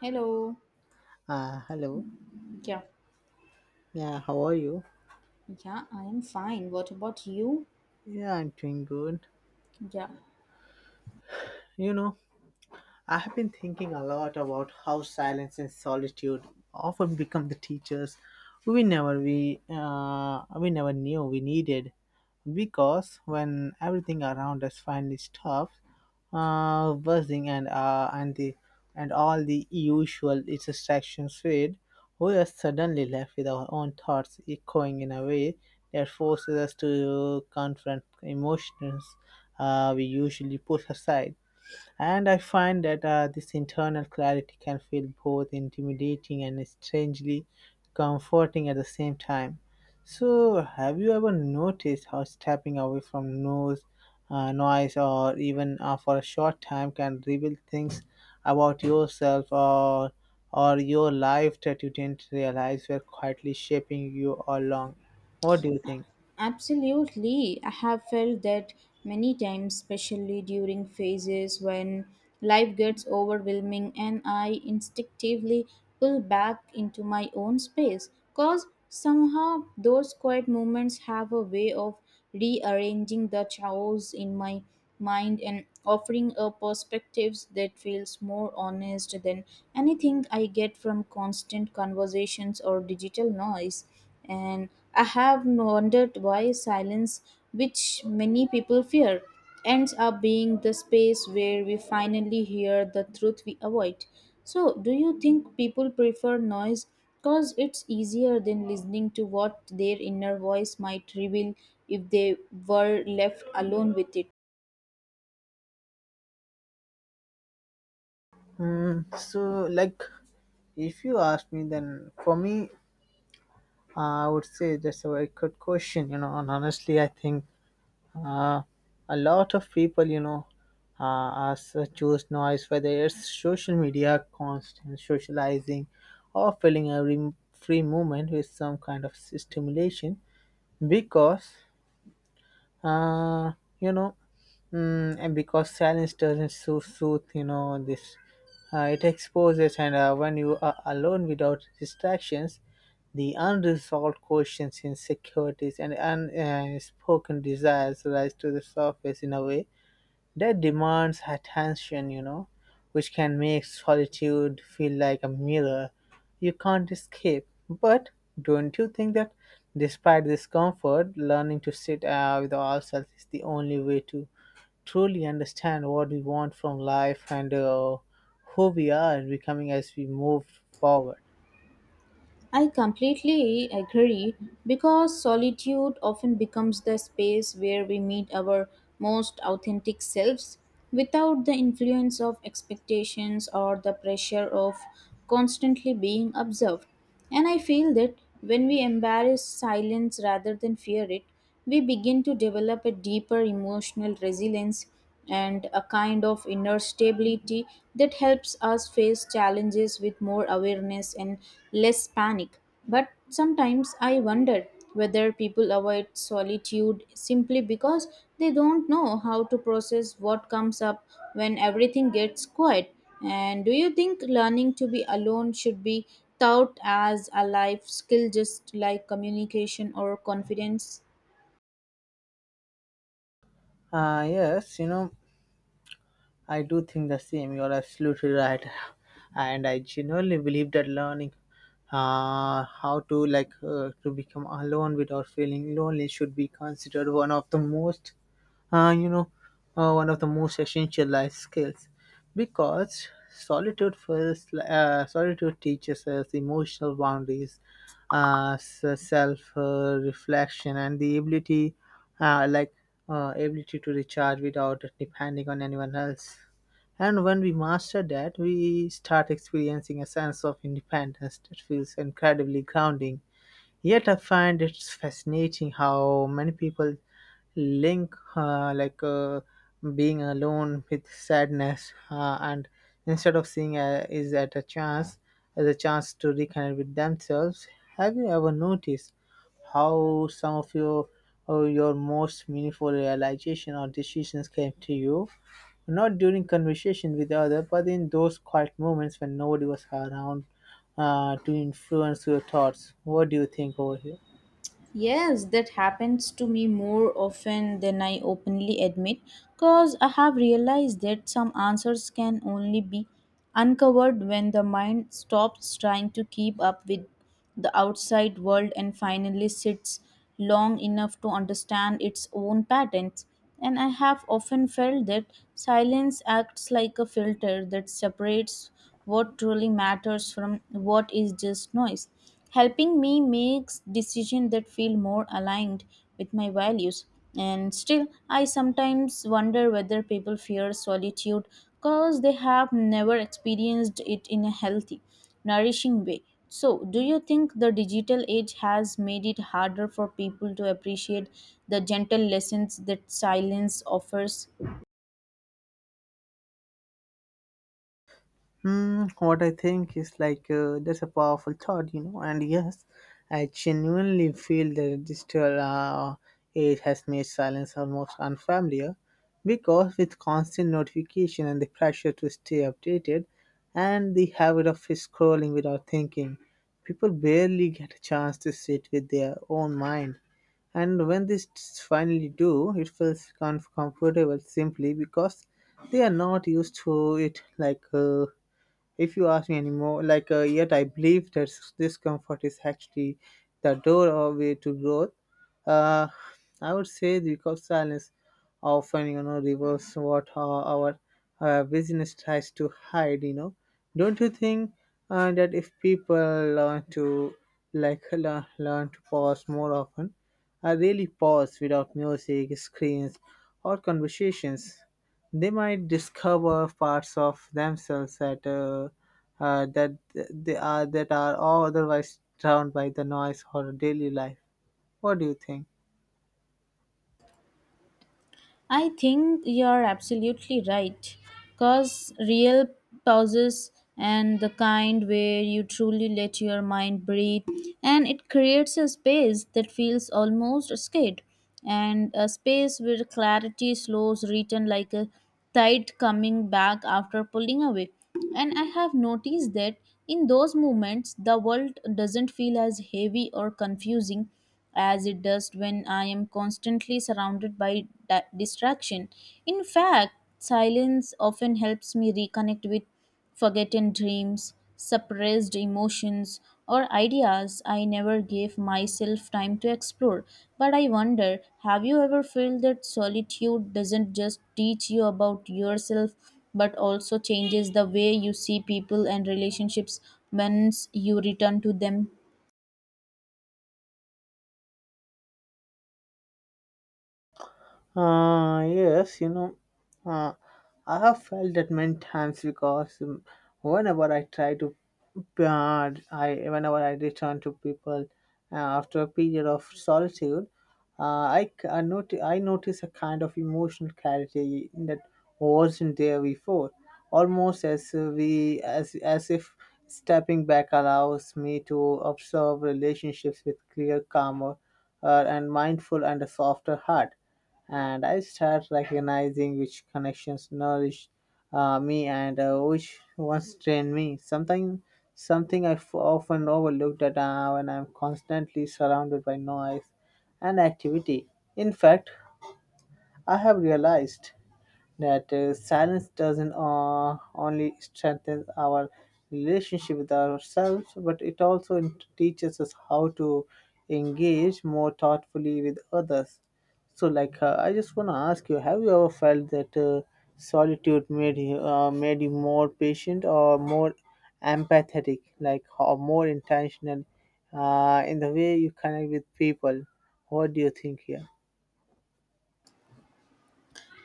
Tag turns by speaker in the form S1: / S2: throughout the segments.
S1: Hello.
S2: Hello.
S1: Yeah.
S2: Yeah, how are you?
S1: Yeah, I am fine. What about you?
S2: Yeah, I'm doing good.
S1: Yeah.
S2: You know, I have been thinking a lot about how silence and solitude often become the teachers we never knew we needed, because when everything around us finally stops buzzing and all the usual distractions fade, we are suddenly left with our own thoughts echoing in a way that forces us to confront emotions we usually put aside, and I find that this internal clarity can feel both intimidating and strangely comforting at the same time. So, have you ever noticed how stepping away from noise or even for a short time can reveal things about yourself or your life that you didn't realize were quietly shaping you all along? What do you think?
S1: Absolutely. I have felt that many times, especially during phases when life gets overwhelming and I instinctively pull back into my own space. Cause somehow those quiet moments have a way of rearranging the chaos in my mind and offering a perspectives that feels more honest than anything I get from constant conversations or digital noise. And I have wondered why silence, which many people fear, ends up being the space where we finally hear the truth we avoid. So, do you think people prefer noise because it's easier than listening to what their inner voice might reveal if they were left alone with it?
S2: So, if you ask me, then for me, I would say that's a very good question, you know, and honestly, I think uh, a lot of people, you know, us choose noise, whether it's social media, constant socializing, or filling every free moment with some kind of stimulation, because uh, you know, mm, and because silence doesn't so soothe, you know, this it exposes, and when you are alone without distractions, the unresolved questions, insecurities, and unspoken spoken desires rise to the surface in a way that demands attention, you know, which can make solitude feel like a mirror you can't escape. But don't you think that despite this comfort, learning to sit with ourselves is the only way to truly understand what we want from life, and who we are becoming as we move forward?
S1: I completely agree because solitude often becomes the space where we meet our most authentic selves without the influence of expectations or the pressure of constantly being observed. And I feel that when we embrace silence rather than fear it, we begin to develop a deeper emotional resilience and a kind of inner stability that helps us face challenges with more awareness and less panic. But sometimes I wonder whether people avoid solitude simply because they don't know how to process what comes up when everything gets quiet. And do you think learning to be alone should be taught as a life skill just like communication or confidence?
S2: Yes, you know, I do think the same. You're absolutely right. And I genuinely believe that learning how to become alone without feeling lonely should be considered one of the most uh, you know, one of the most essential life skills, because solitude teaches us emotional boundaries, self reflection, and the uh, like ability to recharge without depending on anyone else. And when we master that, we start experiencing a sense of independence that feels incredibly grounding. Yet I find it's fascinating how many people link being alone with sadness, and instead of seeing is at a chance as a chance to reconnect with themselves. Have you ever noticed how some of your most meaningful realization or decisions came to you? Not during conversation with others, but in those quiet moments when nobody was around to influence your thoughts. What do you think over here?
S1: Yes, that happens to me more often than I openly admit because I have realized that some answers can only be uncovered when the mind stops trying to keep up with the outside world and finally sits long enough to understand its own patterns. And I have often felt that silence acts like a filter that separates what truly matters from what is just noise, helping me make decisions that feel more aligned with my values. And still, I sometimes wonder whether people fear solitude because they have never experienced it in a healthy, nourishing way. So, do you think the digital age has made it harder for people to appreciate the gentle lessons that silence offers?
S2: What I think is, that's a powerful thought, you know. And yes, I genuinely feel the digital age has made silence almost unfamiliar, because with constant notification and the pressure to stay updated, and the habit of scrolling without thinking, people barely get a chance to sit with their own mind. And when finally do, it feels comfortable simply because they are not used to it like. If you ask me anymore like yet I believe that discomfort is actually the doorway to growth, uh, I would say, because silence often, you know, reveals what our business tries to hide, you know. Don't you think that if people learn to learn to pause more often, I really pause without music, screens, or conversations, they might discover parts of themselves that that they are that are otherwise drowned by the noise or daily life. What do you think?
S1: I think you're absolutely right. Because real pauses, and the kind where you truly let your mind breathe, and it creates a space that feels almost scared, and a space where clarity slows, written like a tide coming back after pulling away. And I have noticed that in those moments, the world doesn't feel as heavy or confusing as it does when I am constantly surrounded by distraction. In fact, silence often helps me reconnect with forgotten dreams, suppressed emotions, or ideas I never gave myself time to explore. But I wonder, have you ever felt that solitude doesn't just teach you about yourself but also changes the way you see people and relationships once you return to them?
S2: Yes, you know, uh, I have felt that many times because whenever I try to, I whenever I return to people after a period of solitude, I notice a kind of emotional clarity that wasn't there before, almost as we as if stepping back allows me to observe relationships with clear, calmer, and mindful and a softer heart, and I start recognizing which connections nourish me and which ones drain me. Something I often overlook that when I'm constantly surrounded by noise and activity. In fact, I have realized that silence doesn't only strengthen our relationship with ourselves, but it also teaches us how to engage more thoughtfully with others. So, like, I just want to ask you: have you ever felt that solitude made you more patient or more empathetic, like, or more intentional in the way you connect with people? What do you think here?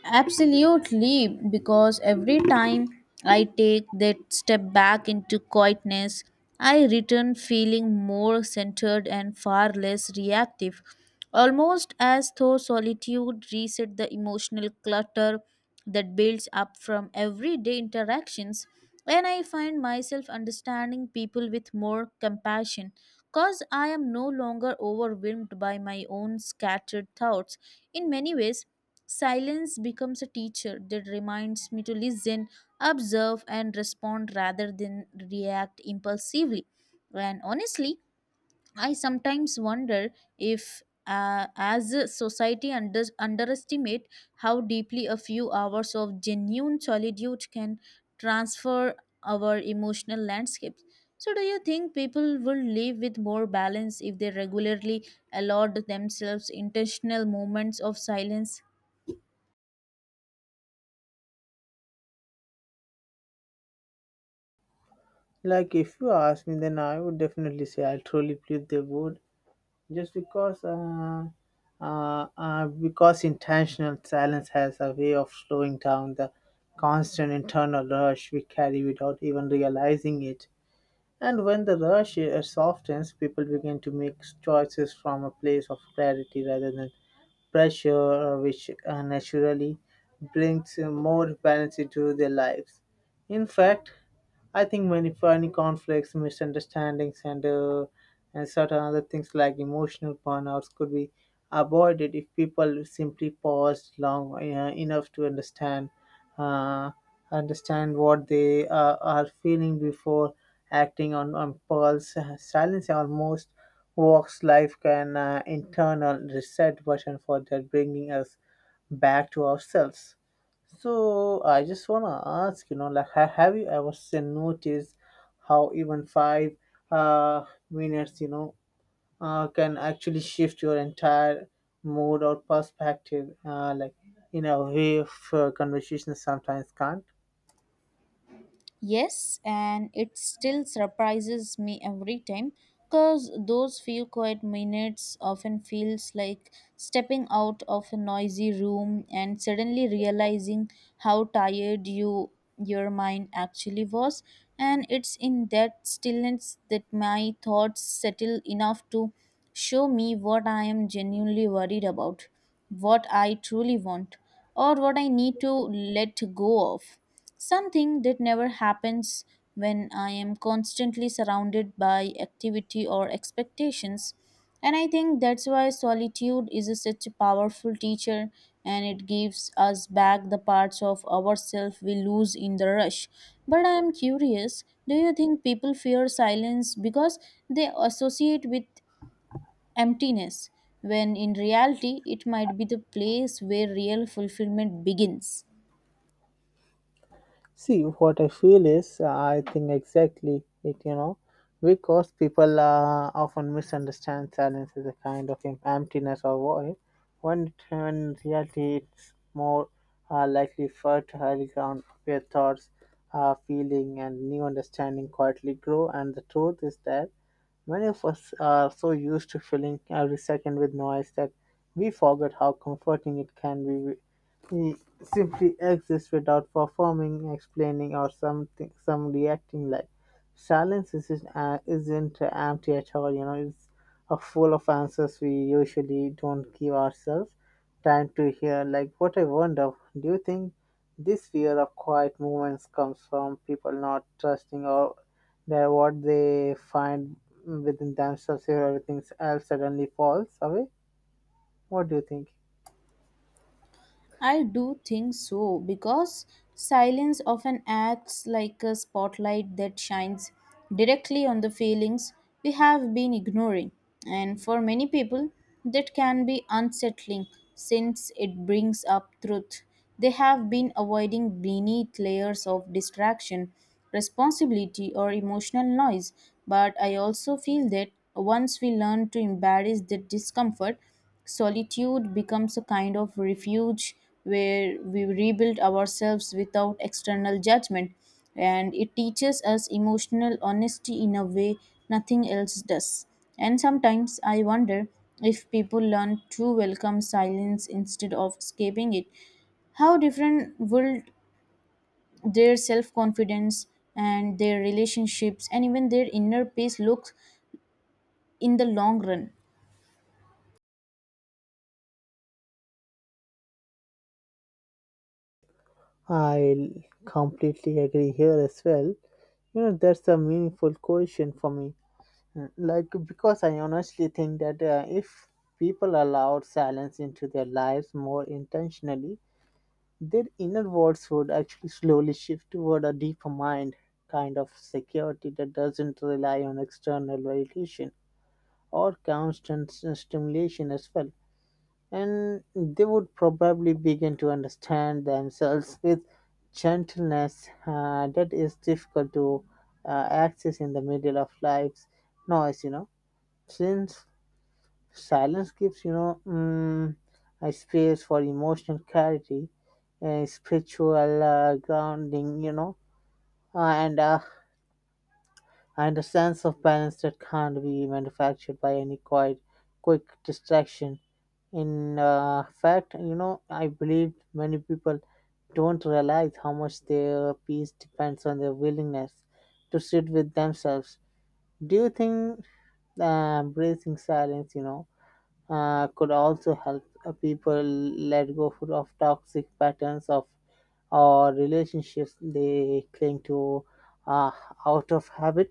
S1: Absolutely, because every time I take that step back into quietness, I return feeling more centered and far less reactive, almost as though solitude reset the emotional clutter that builds up from everyday interactions. And I find myself understanding people with more compassion, cause I am no longer overwhelmed by my own scattered thoughts. In many ways, silence becomes a teacher that reminds me to listen, observe, and respond rather than react impulsively. And honestly, I sometimes wonder if, as a society, underestimate how deeply a few hours of genuine solitude can transfer our emotional landscapes. So, do you think people will live with more balance if they regularly allowed themselves intentional moments of silence?
S2: Like, if you ask me, then I would definitely say I truly believe they would, just because intentional silence has a way of slowing down the constant internal rush we carry without even realizing it. And when the rush softens, people begin to make choices from a place of clarity rather than pressure, which naturally brings more balance into their lives. In fact, I think many funny conflicts, misunderstandings, and certain other things like emotional burnouts could be avoided if people simply paused long enough to understand uh, understand what they are feeling before acting on pulse. Silence almost walks life an internal reset button for that, bringing us back to ourselves. So I just wanna ask, you know, like, have you ever seen noticed how even 5 uh, minutes, you know, can actually shift your entire mood or perspective, like in a way of conversation sometimes can't.
S1: Yes, and it still surprises me every time because those few quiet minutes often feels like stepping out of a noisy room and suddenly realizing how tired your mind actually was. And it's in that stillness that my thoughts settle enough to show me what I am genuinely worried about, what I truly want, or what I need to let go of. Something that never happens when I am constantly surrounded by activity or expectations. And I think that's why solitude is such a powerful teacher, and it gives us back the parts of ourselves we lose in the rush. But I am curious, do you think people fear silence because they associate with emptiness, when in reality it might be the place where real fulfillment begins?
S2: See, what I feel is, I think exactly it, you know, because people often misunderstand silence as a kind of emptiness or void, when in reality it's more likely for fertile ground of your thoughts, feeling, and new understanding quietly grow. And the truth is that many of us are so used to filling every second with noise that we forget how comforting it can be, he simply exists without performing, explaining, or some reacting like. Silence isn't empty at all, you know, it's a full of answers we usually don't give ourselves time to hear. Like, what I wonder, do you think this fear of quiet moments comes from people not trusting or that what they find within themselves if everything else suddenly falls away? What do you think?
S1: I do think so because silence often acts like a spotlight that shines directly on the feelings we have been ignoring. And for many people, that can be unsettling since it brings up truth they have been avoiding beneath layers of distraction, responsibility, or emotional noise. But I also feel that once we learn to embrace the discomfort, solitude becomes a kind of refuge where we rebuild ourselves without external judgment. And it teaches us emotional honesty in a way nothing else does. And sometimes I wonder, if people learn to welcome silence instead of escaping it, how different would their self confidence and their relationships and even their inner peace look in the long run?
S2: I completely agree here as well. You know, that's a meaningful question for me. Like, because I honestly think that if people allowed silence into their lives more intentionally, their inner worlds would actually slowly shift toward a deeper mind kind of security that doesn't rely on external validation or constant stimulation as well, and they would probably begin to understand themselves with gentleness that is difficult to access in the middle of life's noise, you know, since silence gives, you know, a space for emotional clarity and spiritual grounding, you know, uh, and uh, and a sense of balance that can't be manufactured by any quick distraction. In fact, you know, I believe many people don't realize how much their peace depends on their willingness to sit with themselves. Do you think embracing silence, you know, could also help people let go of toxic patterns of or relationships they cling to uh, out of habit?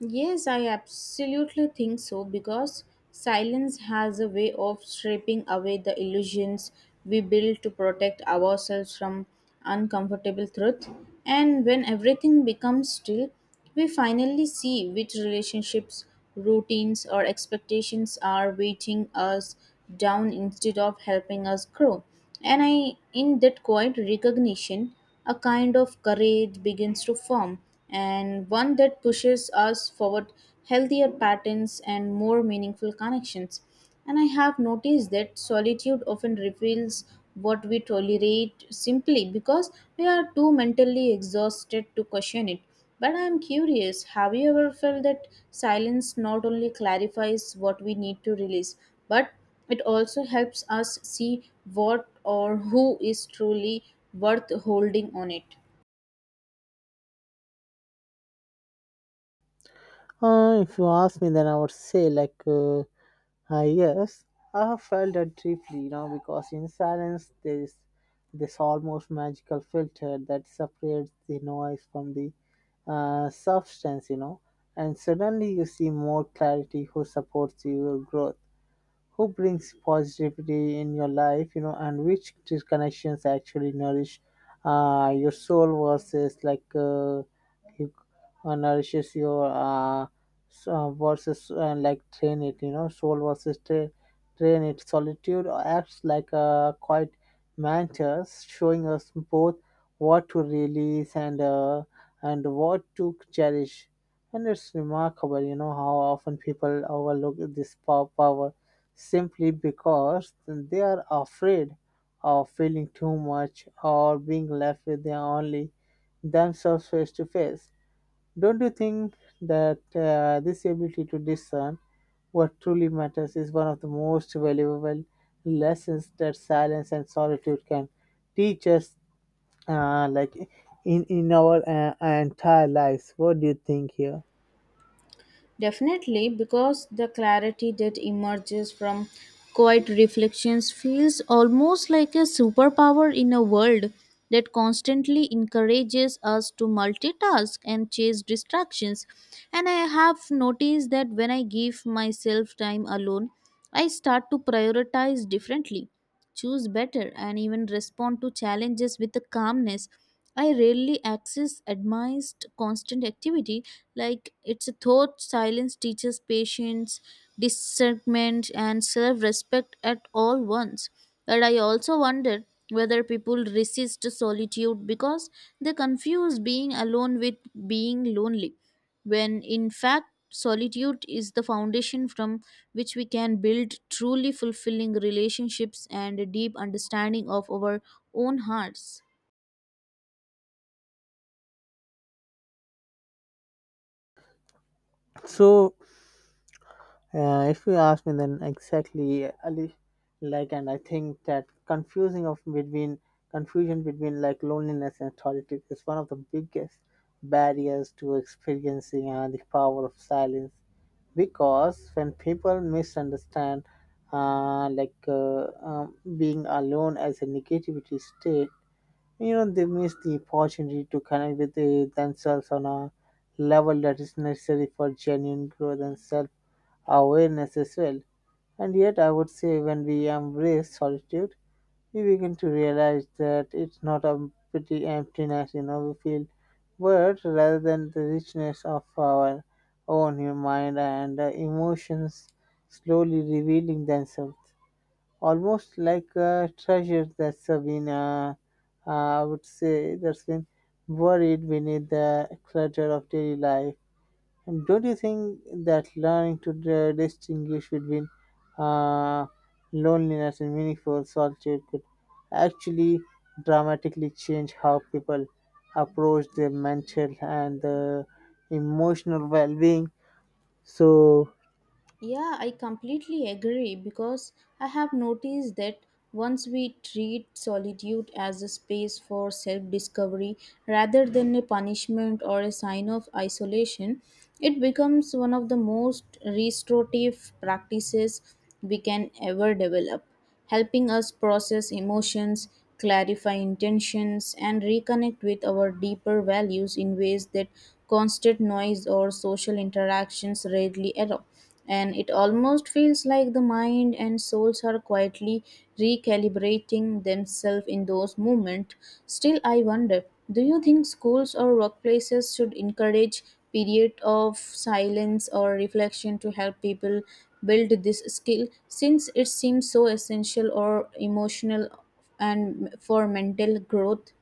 S1: Yes, I absolutely think so because silence has a way of stripping away the illusions we build to protect ourselves from uncomfortable truth. And when everything becomes still, we finally see which relationships, routines, or expectations are weighting us down instead of helping us grow. And I, in that quiet recognition, a kind of courage begins to form, and one that pushes us forward healthier patterns and more meaningful connections. And I have noticed that solitude often reveals what we tolerate simply because we are too mentally exhausted to question it. But I'm curious, have you ever felt that silence not only clarifies what we need to release, but it also helps us see what or who is truly worth holding on it.
S2: If you ask me, then I would say, like, yes, I have felt that deeply, you know, because in silence there is this almost magical filter that separates the noise from the substance, you know, and suddenly you see more clarity who supports your growth, who brings positivity in your life, you know, and which connections actually nourish your soul versus like you- nourishes your so versus like train it you know soul versus tra- train it. Solitude acts like a quiet mentors showing us both what to release and what to cherish, and it's remarkable, you know, how often people overlook this power simply because they are afraid of feeling too much or being left with their only themselves face to face. Don't you think that this ability to discern what truly matters is one of the most valuable lessons that silence and solitude can teach us, like in our entire lives? What do you think here?
S1: Definitely, because the clarity that emerges from quiet reflections feels almost like a superpower in a world that constantly encourages us to multitask and chase distractions. And I have noticed that when I give myself time alone, I start to prioritize differently, choose better, and even respond to challenges with a calmness. I rarely access advanced constant activity. Like it's a thought silence teaches patience, discernment, and self respect at all once. But I also wonder whether people resist solitude because they confuse being alone with being lonely, when in fact solitude is the foundation from which we can build truly fulfilling relationships and a deep understanding of our own hearts.
S2: So, if you ask me, then exactly, Ali, like, and I think that confusing of between confusion between like loneliness and solitude is one of the biggest barriers to experiencing the power of silence. Because when people misunderstand, being alone as a negativity state, they miss the opportunity to connect with themselves on a level that is necessary for genuine growth and self awareness as well. And yet, I would say when we embrace solitude, we begin to realize that it's not a pretty emptiness, we feel but rather than the richness of our own human mind and emotions slowly revealing themselves, almost like a treasure that's I would say, that's been buried beneath the clutter of daily life. And don't you think that learning to distinguish between uh, loneliness and meaningful solitude could actually dramatically change how people approach their mental and emotional well-being? So,
S1: Yeah, I completely agree because I have noticed that once we treat solitude as a space for self discovery rather than a punishment or a sign of isolation, it becomes one of the most restorative practices we can ever develop, helping us process emotions, clarify intentions, and reconnect with our deeper values in ways that constant noise or social interactions rarely allow. And it almost feels like the mind and souls are quietly recalibrating themselves in those moments. Still, I wonder, do you think schools or workplaces should encourage period of silence or reflection to help people build this skill since it seems so essential or emotional and for mental growth?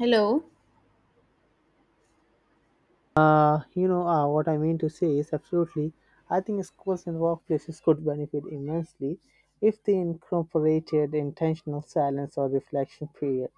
S1: Hello.
S2: what I mean to say is absolutely, I think schools and workplaces could benefit immensely if they incorporated intentional silence or reflection period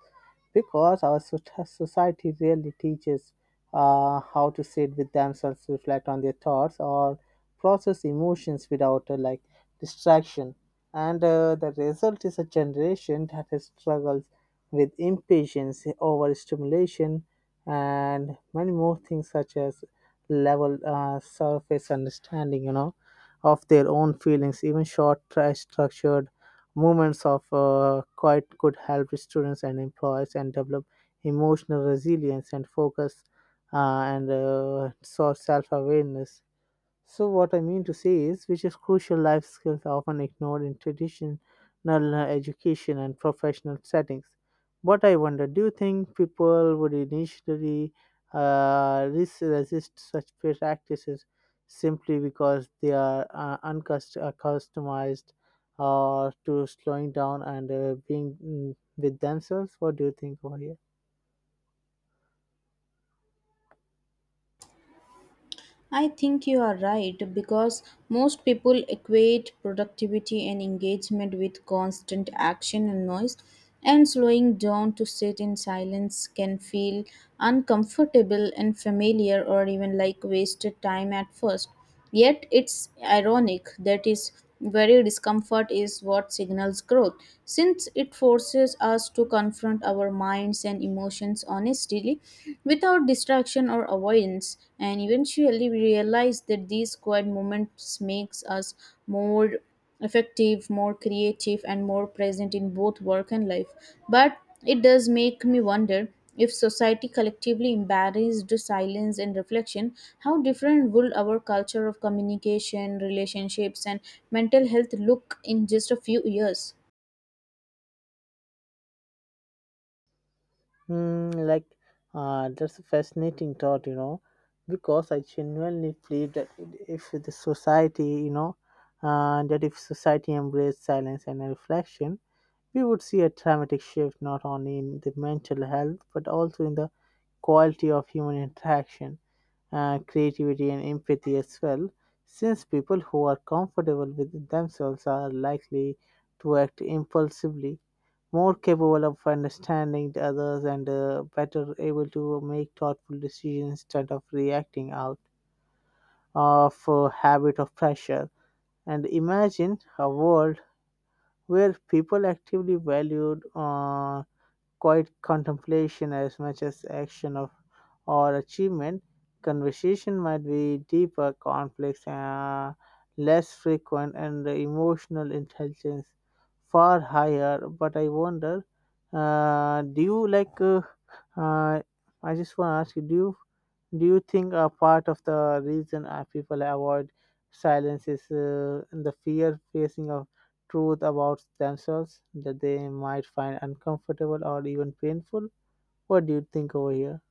S2: because our society really teaches how to sit with themselves, reflect on their thoughts, or process emotions without like distraction. And the result is a generation that has struggles with impatience, overstimulation, and many more things such as level surface understanding, of their own feelings. Even short, structured moments of quiet could help students and employees and develop emotional resilience and focus and self awareness. So what I mean to say is, which is crucial life skills are often ignored in traditional uh, education and professional settings. But I wonder, do you think people would initially resist such practices simply because they are unaccustomed to slowing down and being with themselves? What do you think over here?
S1: I think you are right because most people equate productivity and engagement with constant action and noise, and slowing down to sit in silence can feel uncomfortable and familiar or even like wasted time at first. Yet it's ironic that is very discomfort is what signals growth, since it forces us to confront our minds and emotions honestly without distraction or avoidance, and eventually we realize that these quiet moments makes us more effective, more creative, and more present in both work and life. But it does make me wonder, if society collectively embarrassed silence and reflection, how different would our culture of communication, relationships, and mental health look in just a few years?
S2: Hmm, that's a fascinating thought, you know, because I genuinely believe that if the society, you know, that if society embraced silence and reflection, we would see a dramatic shift not only in the mental health but also in the quality of human interaction, creativity, and empathy as well. Since people who are comfortable with themselves are likely to act impulsively more capable of understanding the others and better able to make thoughtful decisions instead of reacting out of a habit of pressure. And imagine a world where people actively valued quiet contemplation as much as action of or achievement, conversation might be deeper, complex, less frequent, and the emotional intelligence far higher. But I wonder, do you like? Uh, I just want to ask you, do you think a part of the reason people avoid silence is the fear facing of truth about themselves that they might find uncomfortable or even painful? What do you think over here?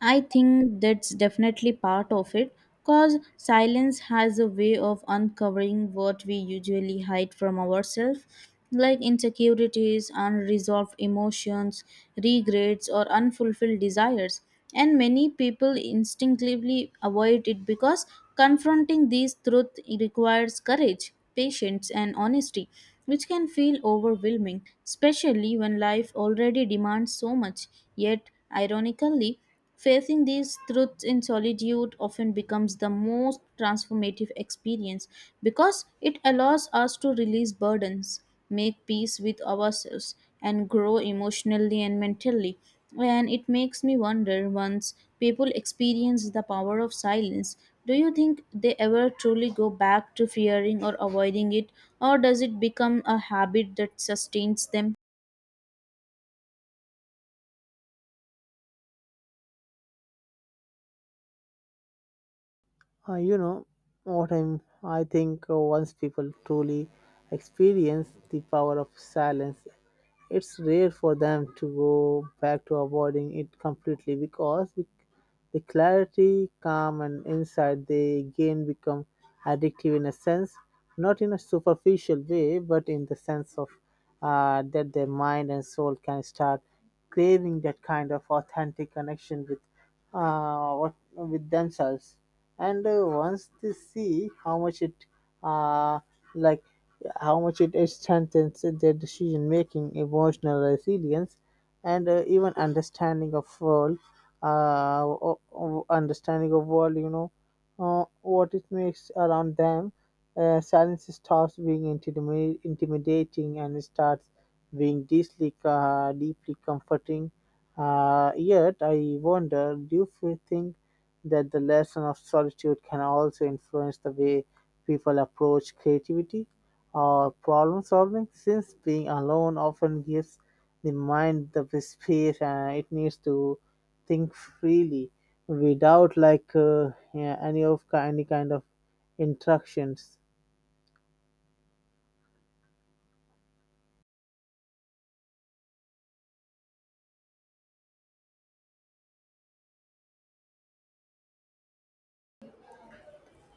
S1: I think that's definitely part of it because silence has a way of uncovering what we usually hide from ourselves, like insecurities, unresolved emotions, regrets, or unfulfilled desires. And many people instinctively avoid it because confronting these truths requires courage, patience, and honesty, which can feel overwhelming, especially when life already demands so much. Yet, ironically, facing these truths in solitude often becomes the most transformative experience because it allows us to release burdens, make peace with ourselves, and grow emotionally and mentally. And it makes me wonder, once people experience the power of silence, do you think they ever truly go back to fearing or avoiding it, or does it become a habit that sustains them?
S2: Uh, you know I think once people truly experience the power of silence, it's rare for them to go back to avoiding it completely because the clarity, calm, and insight they gain become addictive in a sense, not in a superficial way, but in the sense of that their mind and soul can start craving that kind of authentic connection with with themselves and once they see how much it uh, like how much it strengthens their decision making emotional resilience and even understanding of world uh, understanding of world, what it makes around them. Silence stops being intimidating and starts being deeply deeply comforting. Yet I wonder, do you think that the lesson of solitude can also influence the way people approach creativity or problem solving, since being alone often gives the mind the space it needs to think freely without yeah, any kind of instructions.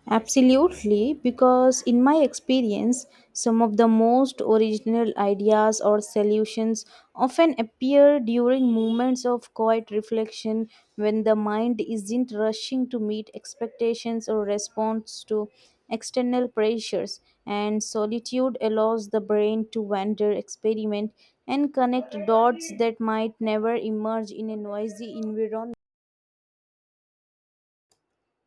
S1: Absolutely, because in my experience, some of the most original ideas or solutions often appear during moments of quiet reflection when the mind isn't rushing to meet expectations or response to external pressures, and solitude allows the brain to wander, experiment, and connect dots that might never emerge in a noisy environment,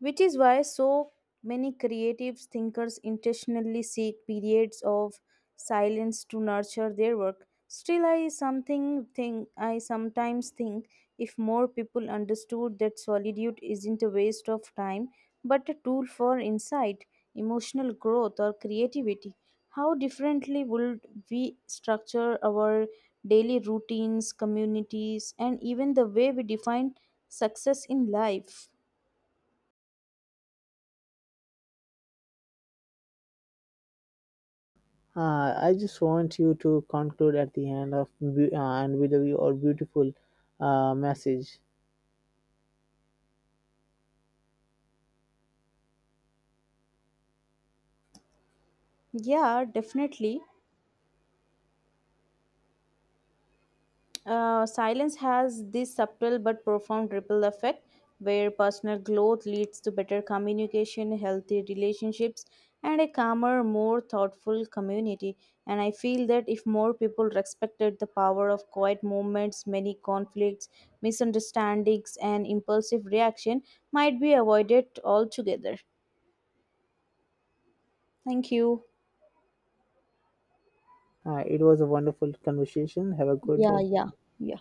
S1: which is why so many creative thinkers intentionally seek periods of silence to nurture their work. Still, I sometimes think, if more people understood that solitude isn't a waste of time but a tool for insight, emotional growth, or creativity, how differently would we structure our daily routines, communities, and even the way we define success in life?
S2: I just want you to conclude at the end of beau- and with your beautiful message.
S1: Yeah, definitely. Silence has this subtle but profound ripple effect where personal growth leads to better communication, healthy relationships, and a calmer, more thoughtful community. And I feel that if more people respected the power of quiet moments, many conflicts, misunderstandings, and impulsive reaction might be avoided altogether. Thank you.
S2: It was a wonderful conversation. Have a good
S1: Yeah,
S2: day.
S1: yeah. Yeah.